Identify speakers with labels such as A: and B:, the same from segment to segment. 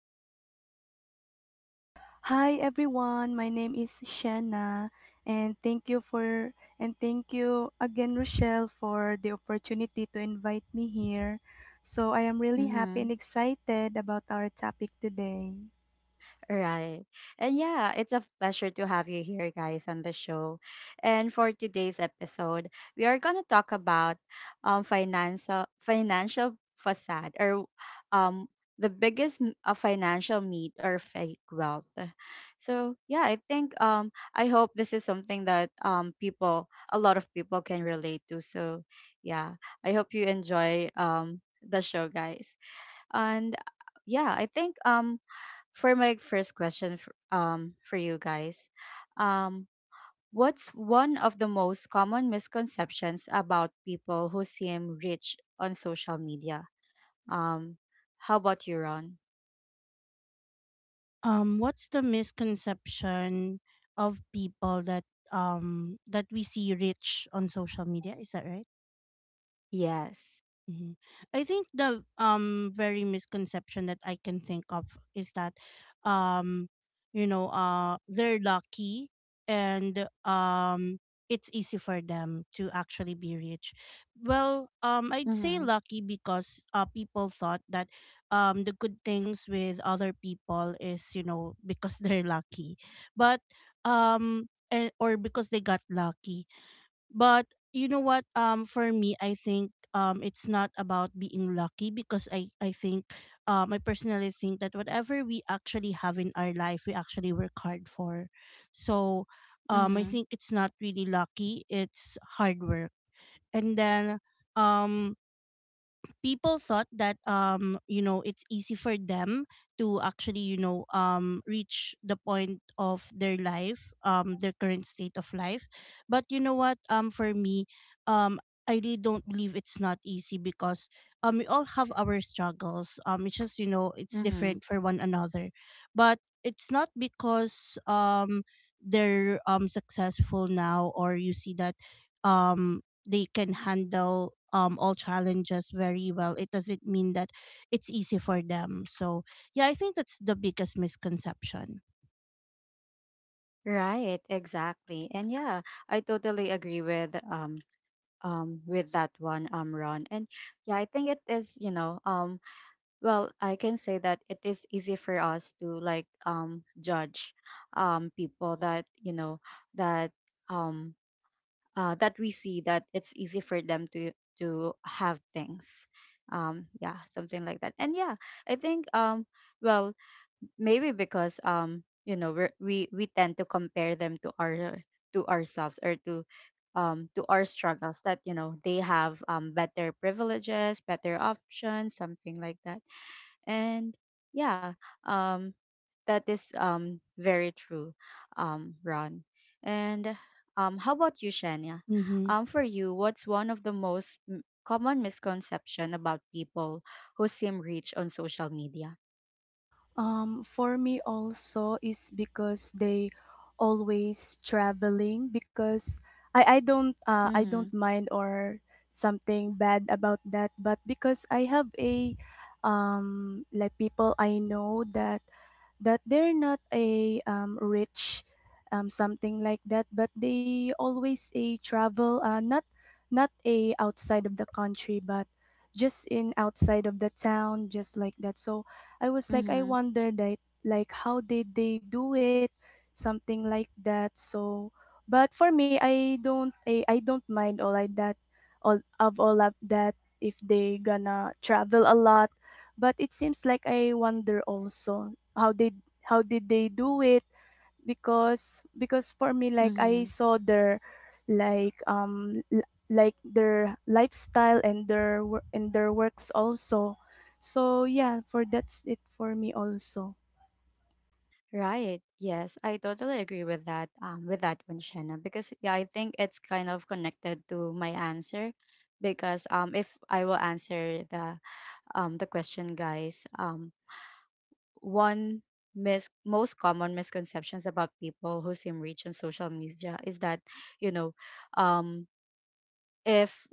A: Say hi, Shanna.
B: Hi everyone, my name is Shanna and thank you for and thank you again Rochelle for the opportunity to invite me here. So I am really happy
A: Mm-hmm.
B: and excited about our topic today.
A: Right. And yeah, it's a pleasure to have you here, guys, on the show. And for today's episode, we are going to talk about financial facade or um, the biggest financial myth or fake wealth. So yeah, I think I hope this is something that a lot of people can relate to. So yeah, I hope you enjoy the show, guys. And yeah, I think for my first question for you guys, um what's one of the most common misconceptions about people who seem rich on social media? um how about you, Ron?
C: What's the misconception of people that that we see rich on social media? Is that right?
A: Yes.
C: Mhm. I think the very misconception that I can think of is that um you know they're lucky, and it's easy for them to actually be rich. Well, I'd say
A: Mm-hmm.
C: lucky because people thought that the good things with other people is, you know, because they're lucky. But or because they got lucky. But you know what? For me, I think it's not about being lucky because I think I personally think that whatever we actually have in our life, we actually work hard for. So, I
A: Mm-hmm.
C: think it's not really lucky. It's hard work, and then um people thought that you know it's easy for them to actually, you know, reach the point of their life, their current state of life. But you know what, for me, um I really don't believe it's not easy because we all have our struggles. It's just, you know, it's
A: Mm-hmm.
C: different for one another, but it's not because they're successful now, or you see that um they can handle all challenges very well, it doesn't mean that it's easy for them. So yeah, I think that's the biggest misconception.
A: Right, exactly, and yeah, I totally agree with that one, Ron. And yeah, I think it is, you know, well, I can say that it is easy for us to like judge people that, you know, that um that we see that it's easy for them to have things. Yeah, something like that. And yeah, I think well, maybe because, you know, we tend to compare them to our to ourselves or to our struggles, that you know, they have better privileges, better options, something like that. And yeah, um, that is very true, Ron. And how about you, Shania?
C: Mm-hmm.
A: For you, what's one of the most common misconception about people who seem rich on social media?
B: For me also is because they always traveling because I don't I don't
A: Mm-hmm.
B: mind or something bad about that, but because I have a like people I know that they're not a rich, something like that, but they always a travel, not not a outside of the country but just in outside of the town, just like that. So I was like, I
A: Mm-hmm.
B: wonder that, like, how did they do it? Something like that. So, but for me, I don't mind all like that, all of that if they gonna travel a lot. But it seems like I wonder also, how did how did they do it? Because for me, like
A: Mm-hmm.
B: I saw their like like their lifestyle and their and their works also. So yeah, for that's it for me also.
A: Right. Yes, I totally agree with that, with that one, Shana, because yeah, I think it's kind of connected to my answer, because if I will answer the question, guys, one most common misconceptions about people who seem rich on social media is that, you know, um if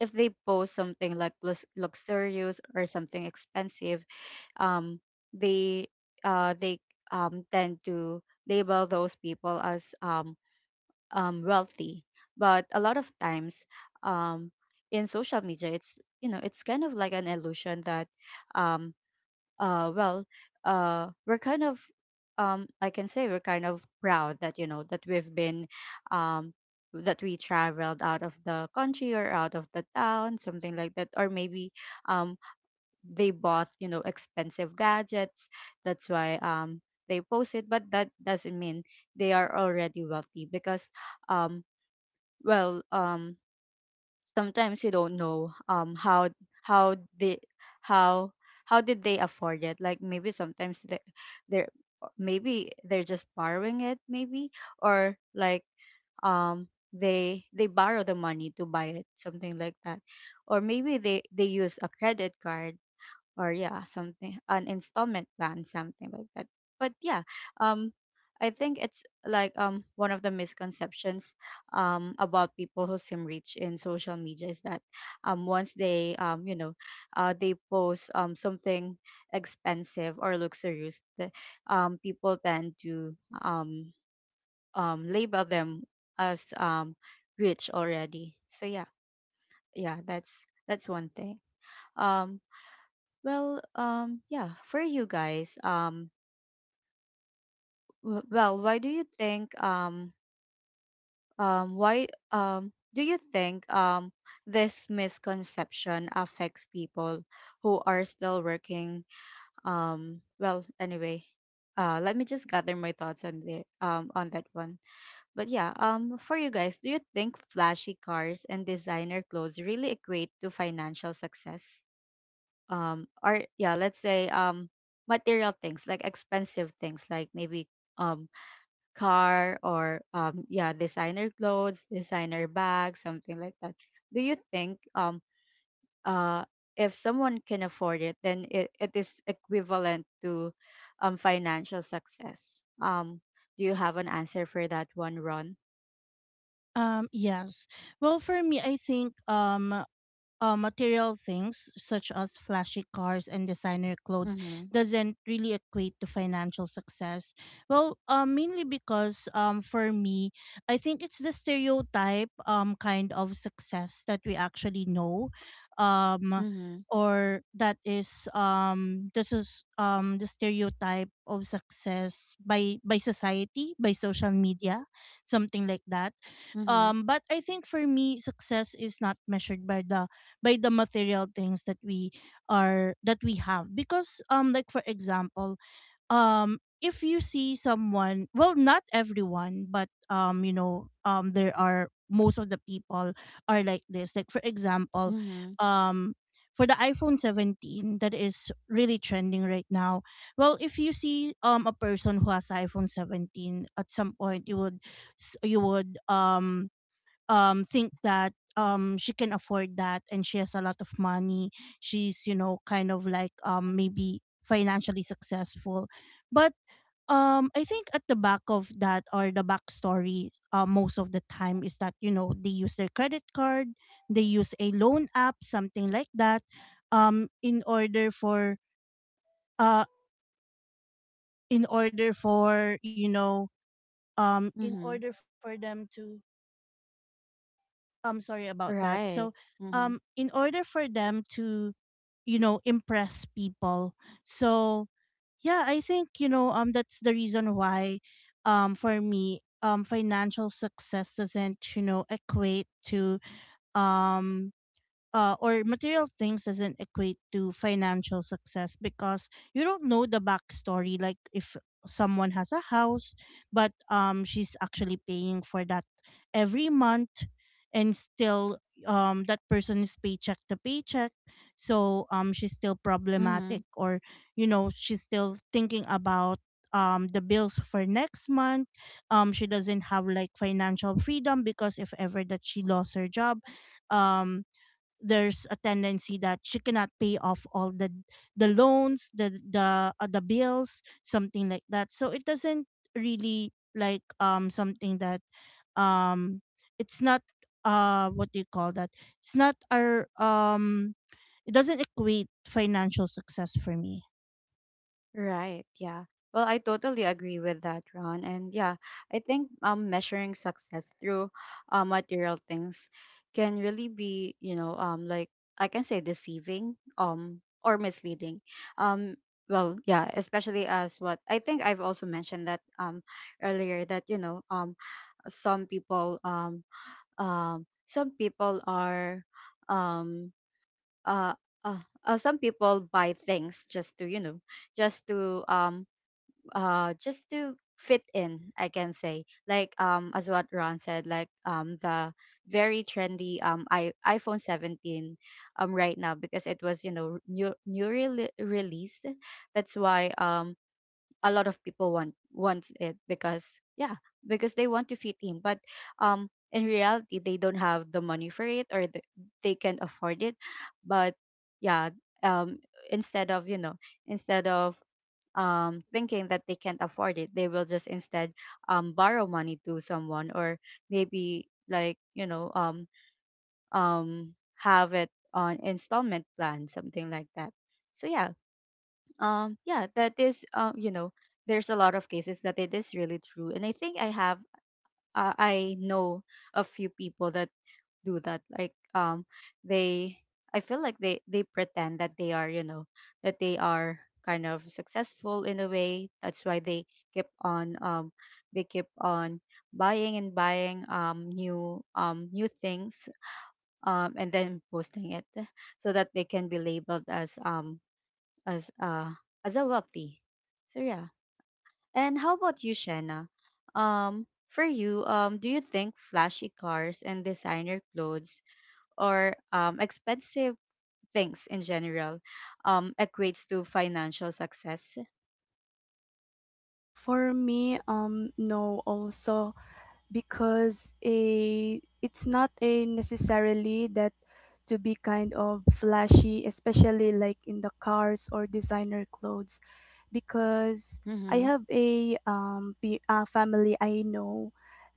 A: if they post something like luxurious or something expensive, um they they tend to label those people as wealthy. But a lot of times, um in social media, it's, you know, it's kind of like an illusion that um uh well we're kind of, I can say we're kind of proud that, you know, that we've been um that we traveled out of the country or out of the town, something like that, or maybe um they bought, you know, expensive gadgets. That's why they post it, but that doesn't mean they are already wealthy, because um well um sometimes you don't know how they how how did they afford it. Like maybe sometimes they they're maybe they're just borrowing it, maybe, or like, they borrow the money to buy it, something like that, or maybe they use a credit card, or yeah, something, an installment plan, something like that. But yeah, um I think it's like, one of the misconceptions about people who seem rich in social media is that, once they, you know, they post something expensive or luxurious, that people tend to um label them as rich already. So yeah, yeah, that's one thing. um well, yeah, for you guys, well, why do you think, why, do you think, this misconception affects people who are still working? Well, anyway, let me just gather my thoughts on on that one. But yeah, for you guys, do you think flashy cars and designer clothes really equate to financial success? Or yeah, let's say, material things, like expensive things, like maybe um car, or yeah, designer clothes, designer bags, something like that. Do you think, uh if someone can afford it, then it is equivalent to financial success? Do you have an answer for that one, Ron?
C: Yes. Well, for me I think material things such as flashy cars and designer clothes
A: Mhm.
C: doesn't really equate to financial success. Well, mainly because for me, I think it's the stereotype kind of success that we actually know. Um,
A: Mhm.
C: or that is this is the stereotype of success by society, by social media, something like that.
A: Mhm.
C: But I think for me success is not measured by the material things that we are that we have, because like, for example, if you see someone, well, not everyone, but you know, there are most of the people are like this. Like, for example,
A: Mhm.
C: um for the iPhone 17 that is really trending right now, well, if you see a person who has iPhone 17, at some point you would you would think that she can afford that and she has a lot of money. She's, you know, kind of like maybe financially successful. But I think at the back of that, or the backstory, most of the time is that, you know, they use their credit card, they use a loan app, something like that, in order for uh in order for, you know, in
A: Mhm.
C: order for them to sorry about that. So
A: Right. Mhm.
C: in order for them to, you know, impress people. So yeah, I think, you know, that's the reason why for me financial success doesn't, you know, equate to um or material things doesn't equate to financial success, because you don't know the backstory. Like, if someone has a house but she's actually paying for that every month, and still that person is paycheck to paycheck, so she's still problematic,
A: Mhm.
C: or, you know, she's still thinking about the bills for next month. She doesn't have like financial freedom, because if ever that she lost her job, um there's a tendency that she cannot pay off all the the loans, the bills, something like that. So it doesn't really like something that um it's not what do you call that it's not our it doesn't equate financial success for me.
A: Right. Yeah. Well, I totally agree with that, Ron. And yeah, I think measuring success through material things can really be, you know, like I can say deceiving, or misleading. Um well, yeah, especially as what I think I've also mentioned that, earlier, that, you know, some people um some people are um uh, some people buy things just to, you know, just to um just to fit in. I can say, like, as what Ron said, like, the very trendy iphone 17 right now, because it was, you know, newly released. That's why a lot of people want it, because yeah, because they want to fit in. But in reality, they don't have the money for it, or they can't afford it. But yeah, um instead of, you know, instead of thinking that they can't afford it, they will just instead borrow money to someone, or maybe, like, you know, have it on installment plan, something like that. So yeah, yeah, that is, you know, there's a lot of cases that it is really true, and I think I have, I know a few people that do that. Like, they I feel like they pretend that they are, you know, that they are kind of successful in a way. That's why keep on um they keep on buying and buying new new things, and then posting it, so that they can be labeled as as uh as a wealthy. So yeah, and how about you, Shanna? For you, do you think flashy cars and designer clothes, or expensive things in general, equates to financial success?
B: For me, no also, because a it's not a necessarily that to be kind of flashy, especially like in the cars or designer clothes, because I
A: Mm-hmm.
B: have a family I know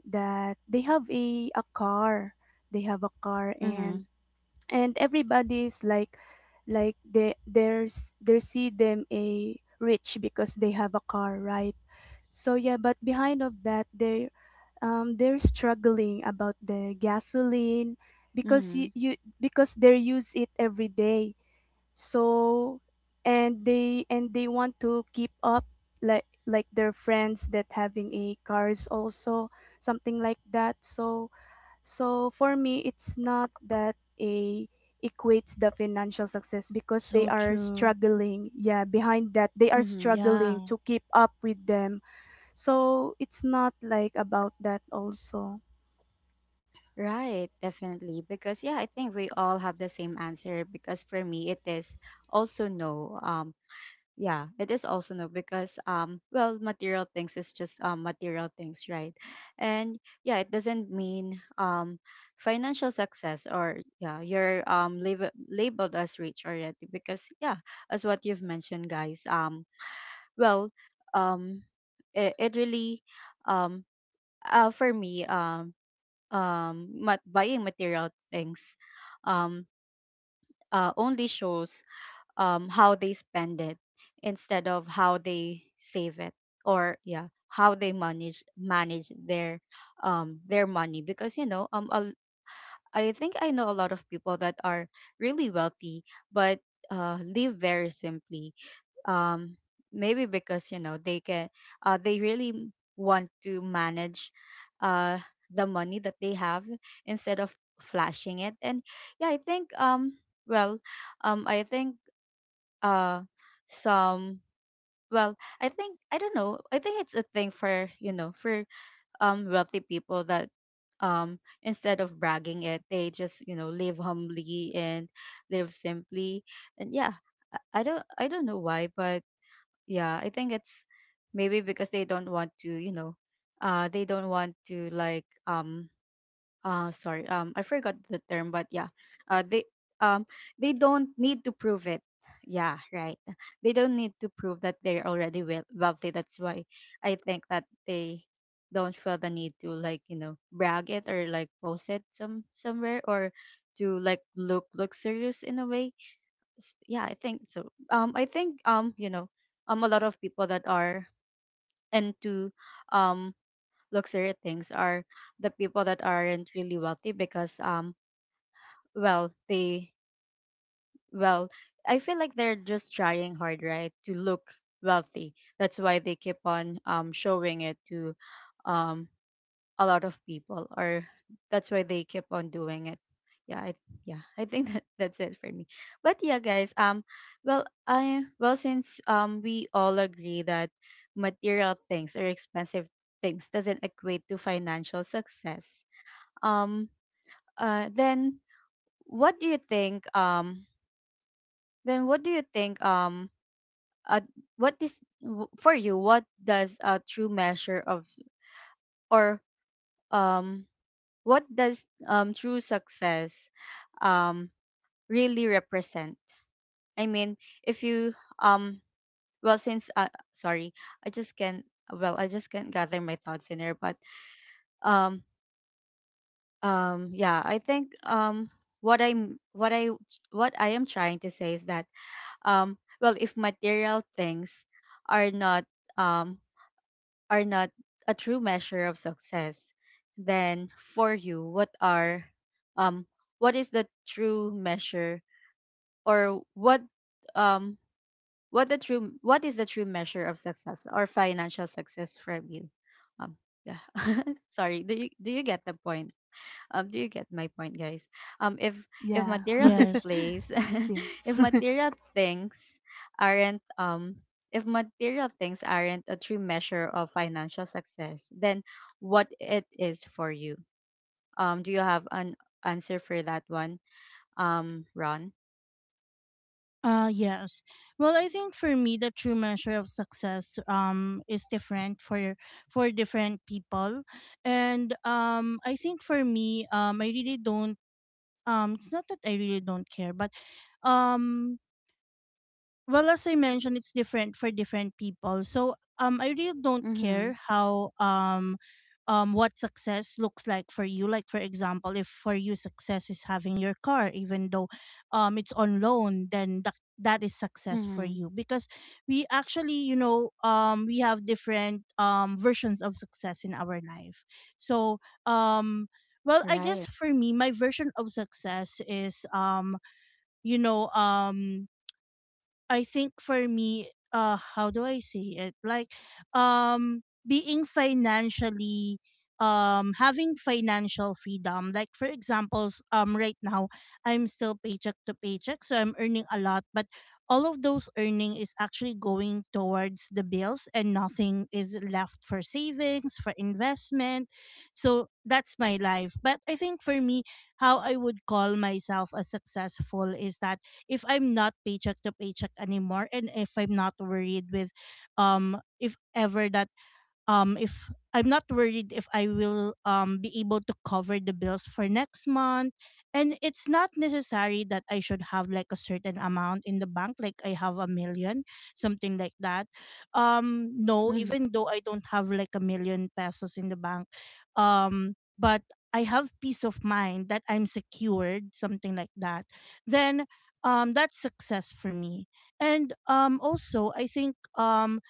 B: that they have a car, they have a car,
A: Mm-hmm.
B: and everybody's like they there's they see them a rich because they have a car, right? So yeah, but behind of that they, they're struggling about the gasoline because
A: Mm-hmm.
B: you because they use it every day, so. And they and they want to keep up like their friends that having a cars also, something like that. So so for me, it's not that a equates the financial success because they
C: So
B: are
C: true.
B: struggling. Yeah, behind that they are
A: Mm-hmm.
C: Yeah.
B: struggling to keep up with them. So it's not like about that also.
A: Right, definitely. Because yeah, I think we all have the same answer, because for me, it is also no. Yeah, it is also no, because well, material things is just material things, right? And yeah, it doesn't mean financial success, or yeah, you're labeled as rich already, because yeah, as what you've mentioned, guys, well um it really, um for me, buying material things um only shows, how they spend it instead of how they save it, or yeah, how they manage their money. Because you know, I think I know a lot of people that are really wealthy, but live very simply, um maybe because, you know, they really want to manage uh the money that they have, instead of flashing it. And yeah, I think well I think uh some well I think, I don't know, I think it's a thing for, you know, for wealthy people, that, instead of bragging it, they just, you know, live humbly and live simply. And yeah, I don't, I don't know why, but yeah, I think it's maybe because they don't want to, you know, they don't want to like, sorry, I forgot the term, but yeah, uh they um they don't need to prove it. Yeah, right, they don't need to prove that they're already wealthy. That's why I think that they don't feel the need to, like, you know, brag it, or like post it some somewhere, or to, like, look luxurious in a way. Yeah, I think so. I think, you know, a lot of people that are into um luxury things are the people that aren't really wealthy, because well they well I feel like they're just trying hard, right, to look wealthy. That's why they keep on showing it to um a lot of people, or that's why they keep on doing it. Yeah, I, yeah. I think that's it for me. But yeah, guys, well, I well since we all agree that material things or expensive things doesn't equate to financial success. um then what do you think? Um then what do you think uh, what is w- For you, what does a true measure of, or um what does true success um really represent? I mean if you um well since Sorry, I just can't, I just can't gather my thoughts in here. But um yeah, I think what i'm what i what I am trying to say is that, well, if material things are not, um are not a true measure of success, then for you, what are, um what is the true measure, or um what the true what is the true measure of success or financial success from you? um yeah. Sorry, do you get the point? Do you get my point, guys? Um, if if
B: Yeah.
A: material
C: Yes.
A: displays, if
B: Yes.
A: material things aren't, if material things aren't a true measure of financial success, then what it is for you? Do you have an answer for that one? Ron.
C: Yes. Well, I think for me the true measure of success is different for different people. And I think for me I really don't it's not that I really don't care, but um well, as I mentioned, it's different for different people. So, I really don't
A: Mm-hmm.
C: care how what success looks like for you. Like, for example, if for you success is having your car, even though, it's on loan, then that that is success for
A: Mm-hmm.
C: you, because we actually, you know, we have different versions of success in our life. So, um. well, I guess
A: Right.
C: for me, my version of success is, you know, I think for me, how do I say it? Like, um, being financially, having financial freedom. Like, for examples, right now I'm still paycheck to paycheck, so I'm earning a lot, but all of those earning is actually going towards the bills, and nothing is left for savings, for investment. So that's my life. But I think for me, how I would call myself as successful is that if I'm not paycheck to paycheck anymore, and if I'm not worried with if ever that if I'm not worried if I will be able to cover the bills for next month. And it's not necessary that I should have like a certain amount in the bank, like I have a million, something like that. No,
A: Mm-hmm.
C: even though I don't have like a million pesos in the bank, but I have peace of mind that I'm secured, something like that, then that's success for me. And also I think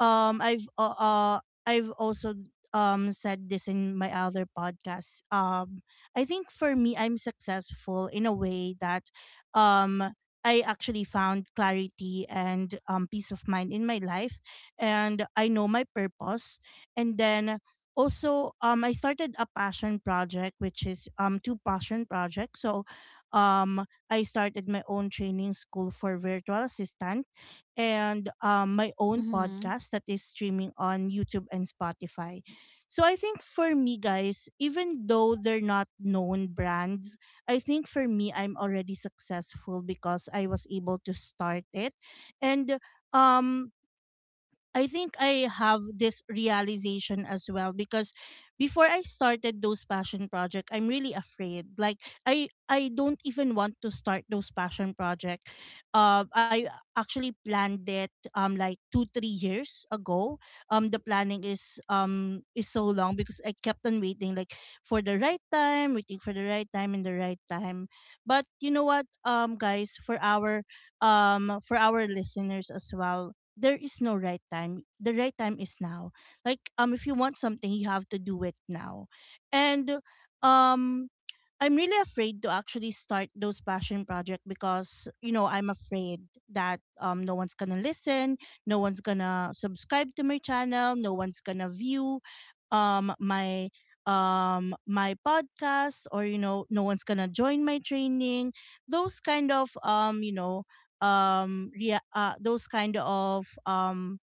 C: um I've uh, uh I've also said this in my other podcast. I think for me I'm successful in a way that um I actually found clarity and peace of mind in my life, and I know my purpose. And then also I started a passion project, which is two passion projects. So I started my own training school for virtual assistant, and my own
A: Mm-hmm.
C: podcast that is streaming on YouTube and Spotify. So I think for me, guys, even though they're not known brands, I think for me, I'm already successful because I was able to start it. And um, I think I have this realization as well, because before I started those passion project, I'm really afraid. Like, I don't even want to start those passion project. I actually planned it like two, three years ago. The planning is so long because I kept on waiting, like, for the right time, waiting for the right time and the right time. But you know what, guys, for our listeners as well, there is no right time. The right time is now. Like, if you want something, you have to do it now. And um I'm really afraid to actually start those passion project because, you know, I'm afraid that no one's gonna listen, no one's gonna subscribe to my channel, no one's gonna view my my podcast, or, you know, no one's gonna join my training. Those kind of you know yeah those kind of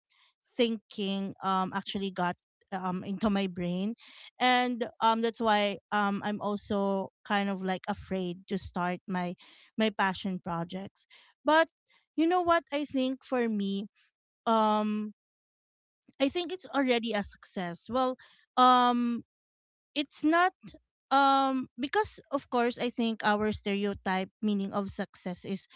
C: thinking actually got into my brain. And that's why I'm also kind of like afraid to start my passion projects. But you know what, I think for me um I think it's already a success. Well, um it's not because, of course, I think our stereotype meaning of success is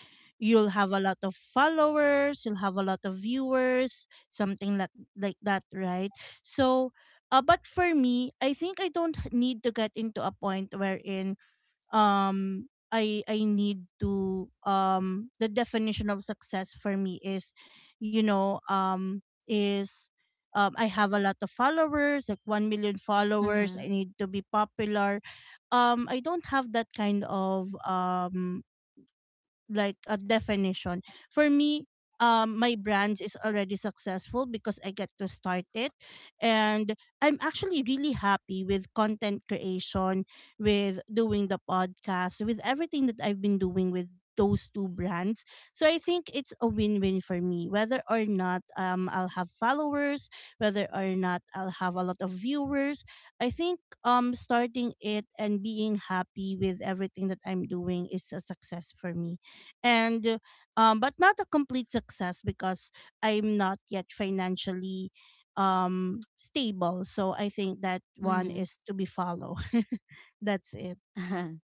C: you'll have a lot of followers, you'll have a lot of viewers, something like that, right? So but for me, I think I don't need to get into a point wherein I need to the definition of success for me is, you know, is I have a lot of followers, like 1 million followers,
A: Mm-hmm.
C: I need to be popular. I don't have that kind of like a definition. For me, my brand is already successful because I get to start it, and I'm actually really happy with content creation, with doing the podcast, with everything that I've been doing with those two brands. So I think it's a win-win for me, whether or not I'll have followers, whether or not I'll have a lot of viewers. I think starting it and being happy with everything that I'm doing is a success for me. And but not a complete success, because I'm not yet financially stable, so I think that one
A: Mm-hmm.
C: is to be followed. That's it.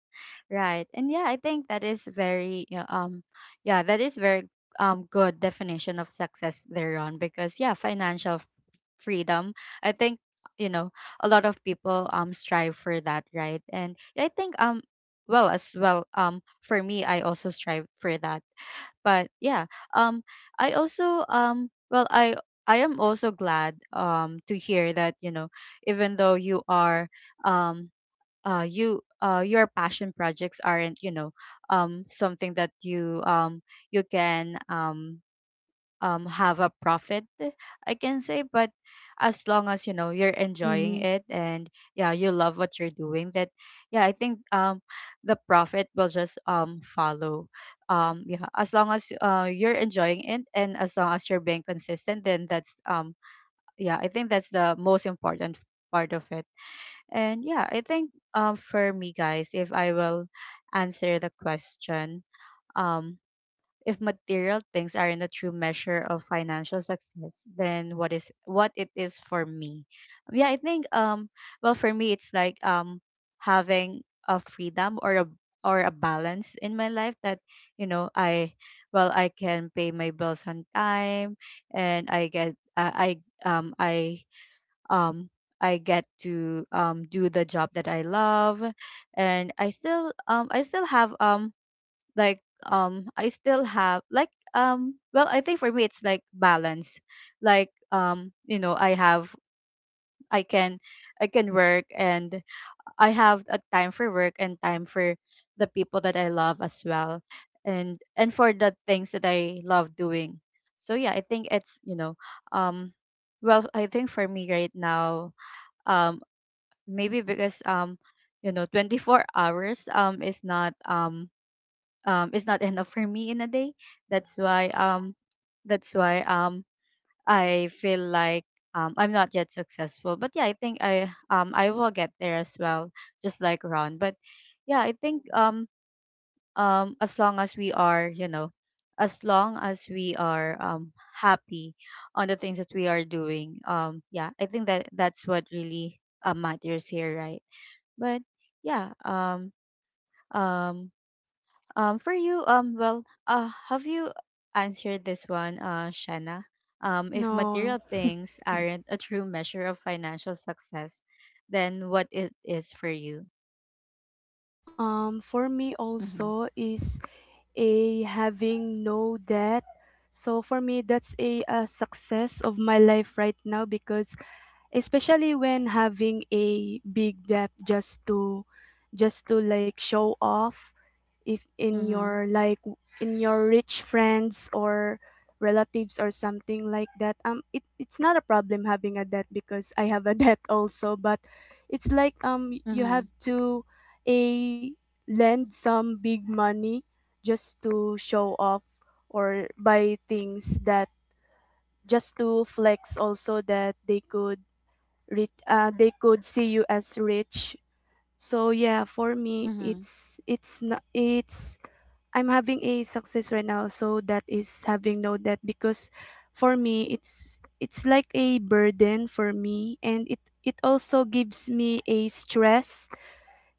A: Right. And yeah, I think that is very, yeah, that is very good definition of success there, on, because yeah, financial freedom. I think, you know, a lot of people strive for that, right? And I think well as well for me, I also strive for that. But yeah, um I also, I am also glad to hear that, you know, even though you are, um your passion projects aren't, you know, something that you, you can, um, have a profit, I can say. But as long as, you know, you're enjoying
C: Mm-hmm.
A: it, and yeah, you love what you're doing, that, yeah, I think the profit will just follow. Yeah, as long as you're enjoying it, and as long as you're being consistent, then that's yeah, I think that's the most important part of it. And yeah, I think for me, guys, if I will answer the question, um if material things aren't a true measure of financial success, then what is, what it is for me? Yeah, I think well, for me, it's like having a freedom or a, or a balance in my life that, you know, I well, I can pay my bills on time, and um I get to do the job that I love, and I still, I still have, I still have, like, I think for me it's like balance. Like, you know, I have I can, I can work, and I have a time for work and time for the people that I love as well, and, for the things that I love doing. So yeah, I think it's, you know, um well, I think for me right now, um maybe because, you know, 24 hours is not, um, is not enough for me in a day. that's why um that's why I feel like, I'm not yet successful. But yeah, I think I will get there as well, just like Ron. But yeah, I think as long as we are, you know, as long as we are happy on the things that we are doing, yeah, I think that, that's what really matters here, right? But yeah, um, for you, well, have you answered this one, Shanna? If material
B: No.
A: things aren't a true measure of financial success, then what it is for you?
B: For me
A: Mm-hmm.
B: also is a having no debt. So for me that's a success of my life right now, because especially when having a big debt just to like show off if in
A: Mm-hmm.
B: your like in your rich friends or relatives or something like that, it, it's not a problem having a debt because I have a debt also, but it's like you
A: Mm-hmm.
B: have to a lend some big money just to show off or buy things that just to flex also that they could rich, they could see you as rich. So yeah, for me,
A: Mm-hmm.
B: it's not it's I'm having a success right now, so that is having no debt because for me it's like a burden for me, and it also gives me a stress,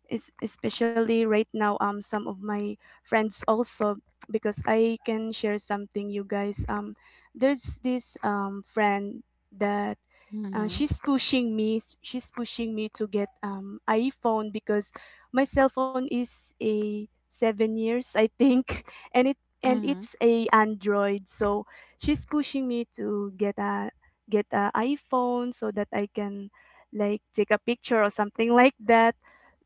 B: especially right now. Some of my friends also, because I can share something, you guys. There's this friend that,
A: Mm-hmm.
B: she's pushing me to get iPhone because my cell phone is a 7 years I think and
A: Mm-hmm.
B: it's a Android. So she's pushing me to get a iPhone so that I can like take a picture or something like that.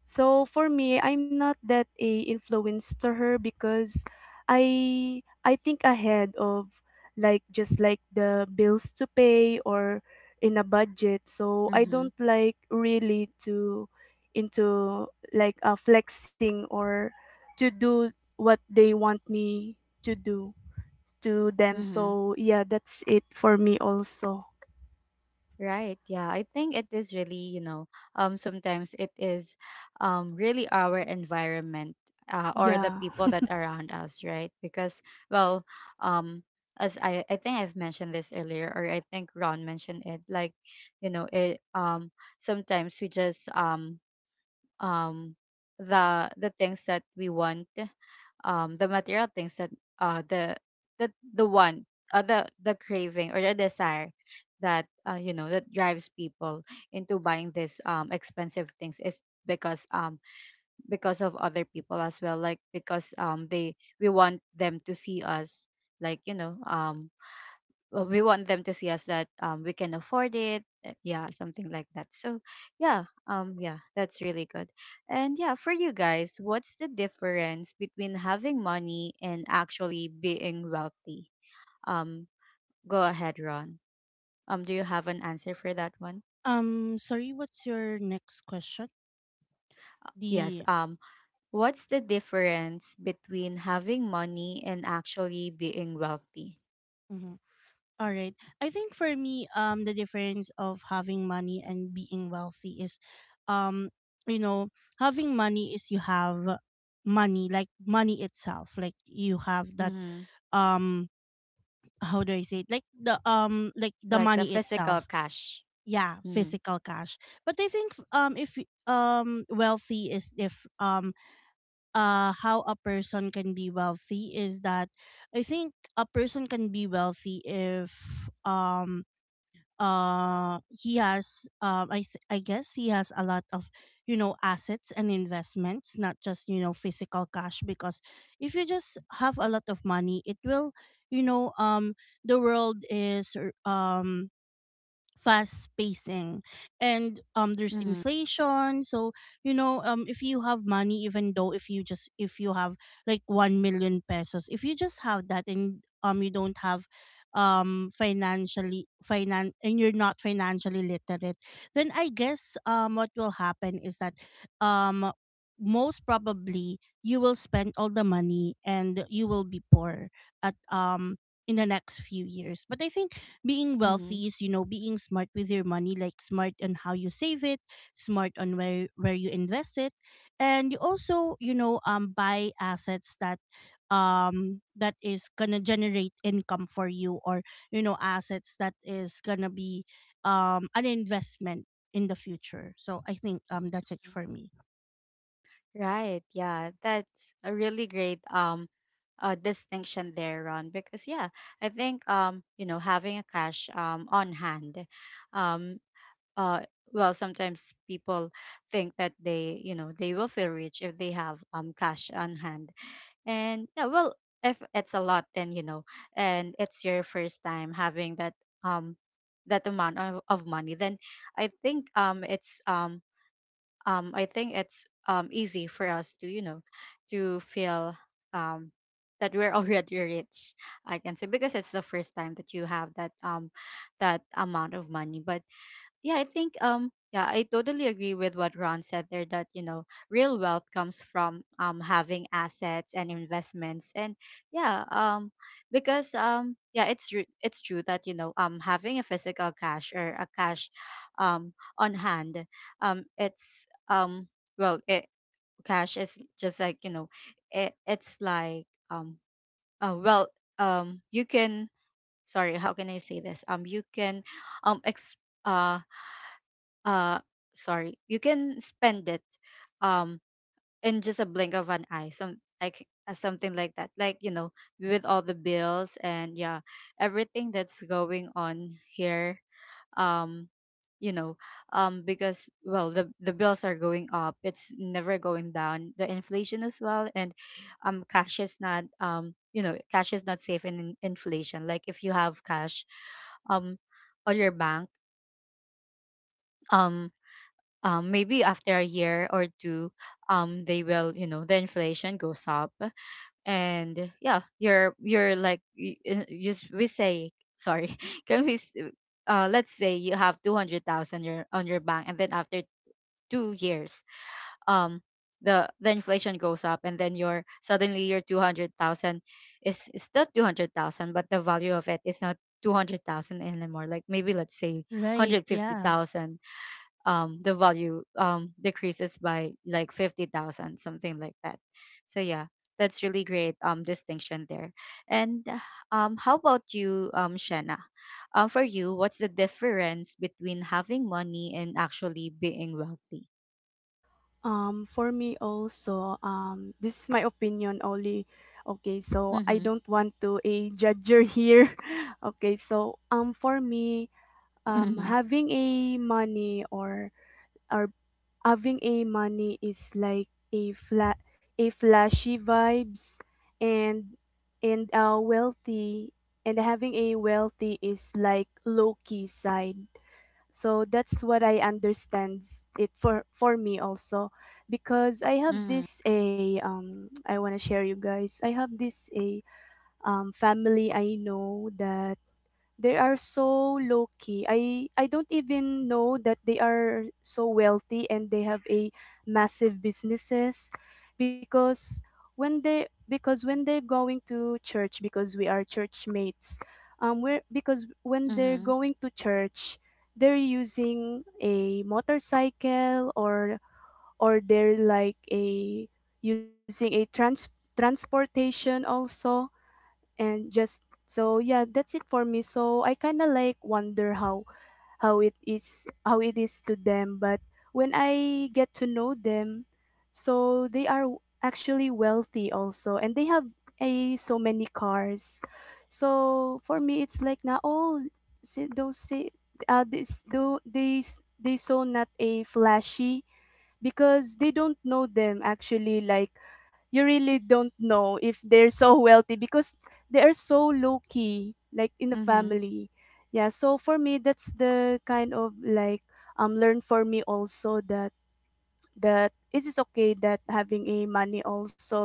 B: So for me, I'm not that a influence to her because I think ahead of like just like the bills to pay or in a budget. So I
A: Mm-hmm.
B: don't like really to into like, flexing or to do what they want me to do to them.
A: Mm-hmm.
B: So yeah, that's it for me also.
A: Right. Yeah. I think it is really, you know, sometimes it is really our environment or the
B: Yeah.
A: people that around us, right? Because, well, um, as I, think I've mentioned this earlier, or I think Ron mentioned it, like, you know, sometimes we just, um, the, things that we want, the material things that, uh the the the one the craving or the desire that, you know, that drives people into buying these expensive things is because, because of other people as well. Like, because they we want them to see us, like, you know, well, we want them to see us that, we can afford it, yeah, something like that. So yeah, yeah, that's really good. And yeah, for you guys, what's the difference between having money and actually being wealthy? um Go ahead, Ron. Do you have an answer for that one?
C: Sorry, what's your next question?
A: Yes,
C: The
A: what's the difference between having money and actually being wealthy?
C: mhm. All right. I think for me, the difference of having money and being wealthy is, um, you know, having money is you have money, like money itself, like you have that,
A: Mm-hmm.
C: um, how do I say it? Like the
A: Like the
C: money
A: physical
C: itself.
A: cash.
C: Yeah,
A: Mm-hmm.
C: physical cash. But I think if wealthy is if how a person can be wealthy is that I think a person can be wealthy if he has um, I guess he has a lot of, you know, assets and investments, not just, you know, physical cash. Because if you just have a lot of money, it will, you know, the world is fast pacing, and there's
A: Mm-hmm.
C: inflation. So, you know, if you have money, even though if you just if you have like 1 million pesos, if you just have that, and you don't have financially finan and you're not financially literate, then I guess what will happen is that um most probably you will spend all the money and you will be poor at in the next few years. But I think being
A: Mm-hmm.
C: wealthy is, you know, being smart with your money, like smart on how you save it, smart on where you invest it, and you also, you know, buy assets that that is gonna generate income for you, or, you know, assets that is gonna be an investment in the future. So I think that's it
A: Mm-hmm.
C: for me.
A: Right. Yeah. That's a really great distinction there, Ron, because yeah, I think you know, having a cash on hand, um uh well, sometimes people think that they, you know, they will feel rich if they have cash on hand. And yeah, well, if it's a lot, then you know, and it's your first time having that um that amount of money, then I think it's I think it's easy for us to, you know, to feel um, that we're already rich. I can say, because it's the first time that you have that, that amount of money. But yeah, I think yeah, I totally agree with what Ron said there, that, you know, real wealth comes from having assets and investments. And yeah, because yeah, it's true that, you know, having a physical cash or a cash on hand, it's well, it cash is just like, you know, it's like, well, you can, sorry, how can I say this? You can, um ex- uh uh sorry, you can spend it um in just a blink of an eye, something like that. Like, you know, with all the bills, and yeah, everything that's going on here, um you know, because, well, the bills are going up, it's never going down, the inflation as well. And cash is not, you know, cash is not safe in inflation. Like, if you have cash um on your bank, um maybe after a year or two, they will, you know, the inflation goes up. And yeah, you're like, just, we say, sorry. can we s- let's say you have 200,000 on your bank, and then after 2 years, um the inflation goes up, and then your, suddenly your 200,000 is still 200,000, but the value of it is not 200,000 anymore. Like, maybe let's say
C: Right. Yeah.
A: 150,000. The value decreases by like 50,000, something like that. So yeah, that's really great distinction there. And how about you, Shanna? For you, what's the difference between having money and actually being wealthy?
B: For me also, this is my opinion only. Okay, so I
A: Mhm.
B: don't want to a judger here. Okay, so for me, um,
A: Mhm.
B: having a money or or having a money is like a flat a flashy vibes, and wealthy and having a wealthy is like low key side. So that's what I understand it for me also, because I have
A: Mhm.
B: this a I want to share you guys. I have this a family I know that they are so low key. I don't even know that they are so wealthy and they have a massive businesses, because when they because when they're going to church, because we are church mates, we're because when they're
A: Mhm.
B: going to church they're using a motorcycle or they're like a using a transportation also and just. So yeah, that's it for me, so I kind of like wonder how how it is to them. But when I get to know them, so they are actually wealthy also and they have a so many cars. So for me it's like now, oh see, those say, uh, this do these they so not a flashy because they don't know them actually, like you really don't know if they're so wealthy because they are so low key like in the
A: Mhm.
B: family. Yeah, so for me that's the kind of like learn for me also, that that it is okay that having a money also,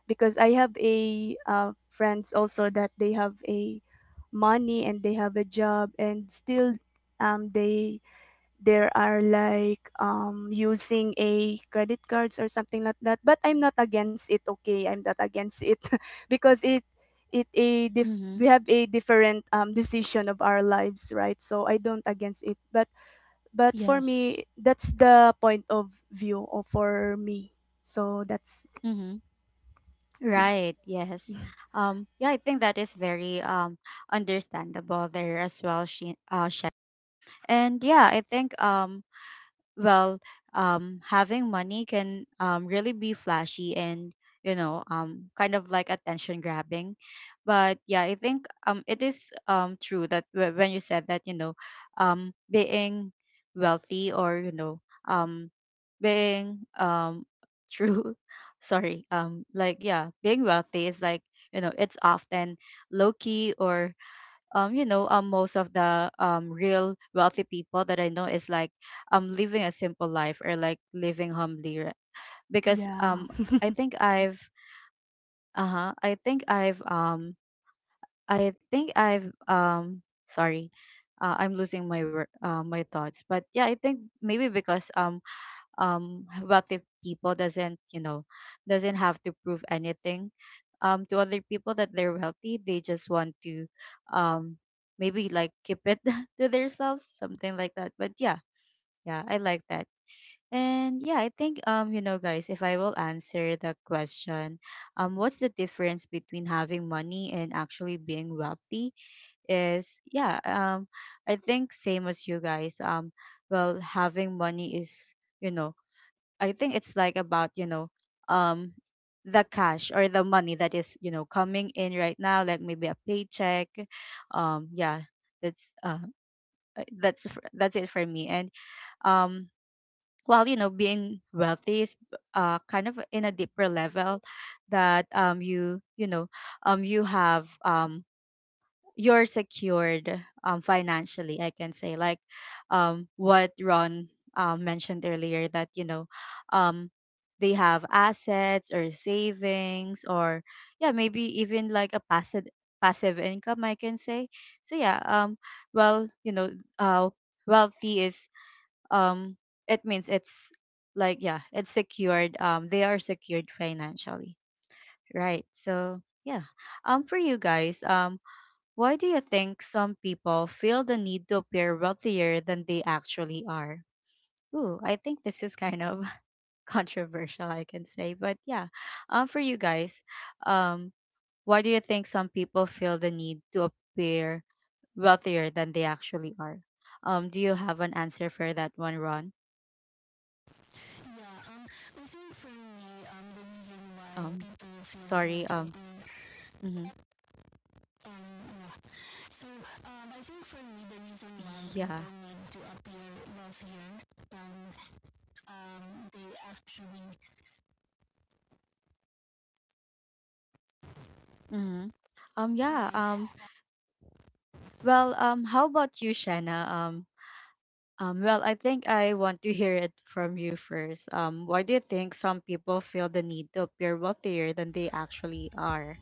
B: because I have a friends also that they have a money and they have a job, and still they there are like using a credit cards or something like that, but I'm not against it, okay, I'm not against it because it a
A: Mhm.
B: we have a different decision of our lives, right? So I don't against it, but for
C: Yes.
B: me that's the point of view of for me. So that's
A: Mhm.
B: yeah.
A: Right, yes. Yeah, I think that is very understandable there as well, she Shanna. And yeah, I think well, having money can really be flashy and, you know, kind of like attention grabbing. But yeah, I think it is true that, when you said that, you know, being wealthy, or, you know, um being true, sorry, like, yeah, being wealthy is like, you know, it's often low key, or you know, most of the real wealthy people that I know is like living a simple life, or like living humbly, because
B: Yeah.
A: I think I've uh-huh I think I've I think I've, sorry, I'm losing my my thoughts. But yeah, I think maybe because wealthy people doesn't, you know, doesn't have to prove anything to other people, that they're wealthy. They just want to um maybe like keep it to themselves, something like that. But yeah, yeah, I like that. And yeah, I think you know, guys, if I will answer the question, what's the difference between having money and actually being wealthy, is, yeah, I think same as you guys. Well, having money is, you know, I think it's like about, you know, um the cash or the money that is, you know, coming in right now, like maybe a paycheck. Um, yeah, that's that's it for me. And um while, you know, being wealthy is kind of in a deeper level, that you, you know, you have, you're secured financially, I can say. Like what Ron mentioned earlier, that, you know, um, they have assets or savings, or yeah, maybe even like a passive, passive income, I can say. So yeah, well, you know, uh, wealthy is, um, it means it's like, yeah, it's secured, they are secured financially, right? So yeah, for you guys, why do you think some people feel the need to appear wealthier than they actually are? Ooh, I think this is kind of controversial, I can say. But yeah, for you guys, um, why do you think some people feel the need to appear wealthier than they actually are? Do you have an answer for that one, Ron? Um, Sorry. Mhm.
C: I think for me, the reason why people
A: Yeah.
C: need to appear wealthier than they actually
A: Hmm. Yeah. Well, how about you, Shanna? Well, I think I want to hear it from you first. Why do you think some people feel the need to appear wealthier than they actually are?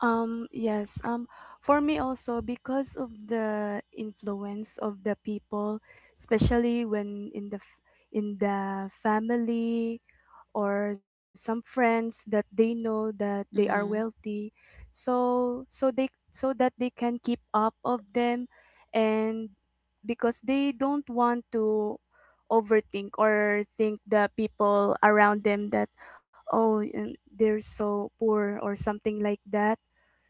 B: Yes, for me also because of the influence of the people, especially when in the in the family or some friends that they know that they are
A: Mm-hmm.
B: wealthy. So so they so that they can keep up of them, and because they don't want to overthink or think the people around them that, oh they're so poor or something like that.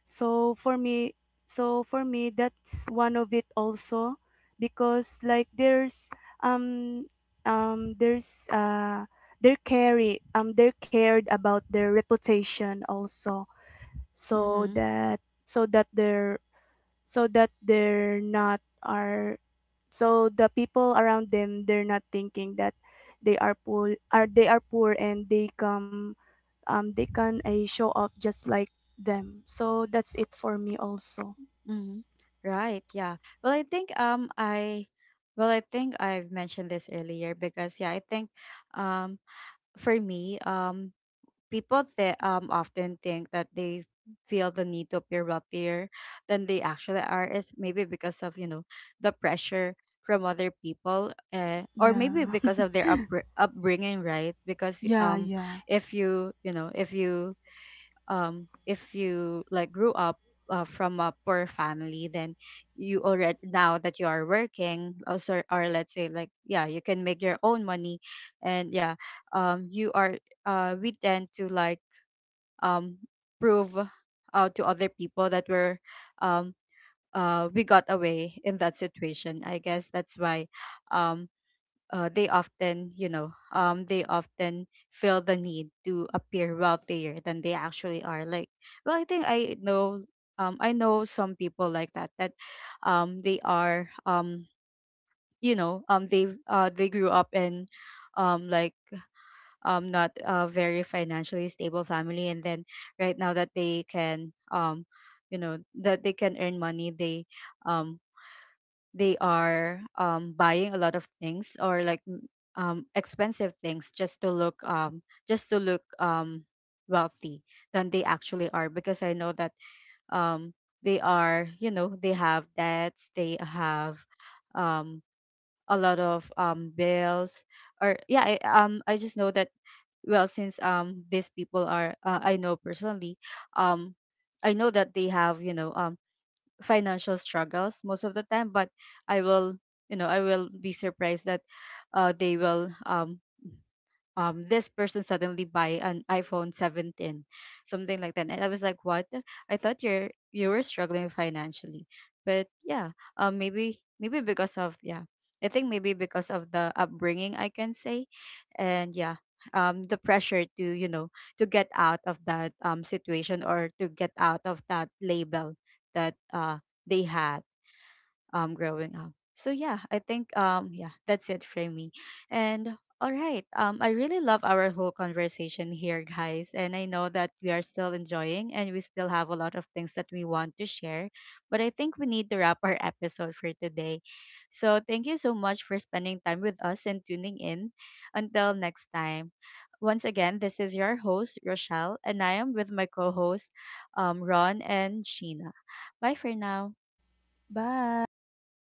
B: So for me so for me that's one of it also, because like um there's they're carry they're cared about their reputation also, so
A: Mm-hmm.
B: that so that they're not are, so the people around them, they're not thinking that they are poor, are they are poor, and they come, they can a show off just like them. So that's it for me also.
A: Mm-hmm. Right. Yeah. Well, I think I, well, I think I've mentioned this earlier, because yeah, I think um for me, people often think that they feel the need to appear wealthier than they actually are is maybe because of the pressure from other people, or
B: Yeah,
A: maybe because of their upbringing, right, because
B: yeah.
A: if you you know if you if you, like, grew up, from a poor family, then you already now that you are working also, or let's say, like, yeah, you can make your own money, and yeah, you are we tend to, like, um, prove, to other people that um, we got away in that situation. I guess that's why um, they often feel the need to appear wealthier than they actually are. Like, well, I think I know some people like that. That they are, you know, they grew up in, like, not a very financially stable family, and then right now that they can you know that they can earn money. They um they are buying a lot of things, or like, expensive things, just to look, just to look um wealthy, than they actually are, because I know that um they are you know they have debts. They have um a lot of bills, or yeah, I just know that, well, since these people are I know personally, um I know that they have, financial struggles most of the time. But i will I will be surprised that they will this person suddenly buy an iPhone 17, something like that. And I was like, what? I thought you were struggling financially. But yeah, maybe because of, yeah, I think maybe because of the upbringing, I can say. And yeah, the pressure to you know to get out of that situation, or to get out of that label that they had growing up. So yeah, I think yeah, that's it for me. And all right, I really love our whole conversation here, guys, and I know that we are still enjoying and we still have a lot of things that we want to share, but I think we need to wrap our episode for today. So thank you so much for spending time with us and tuning in. Until next time. Once again, this is your host, Rochelle, and I am with my co host, Ron and Sheena. Bye for now.
B: Bye.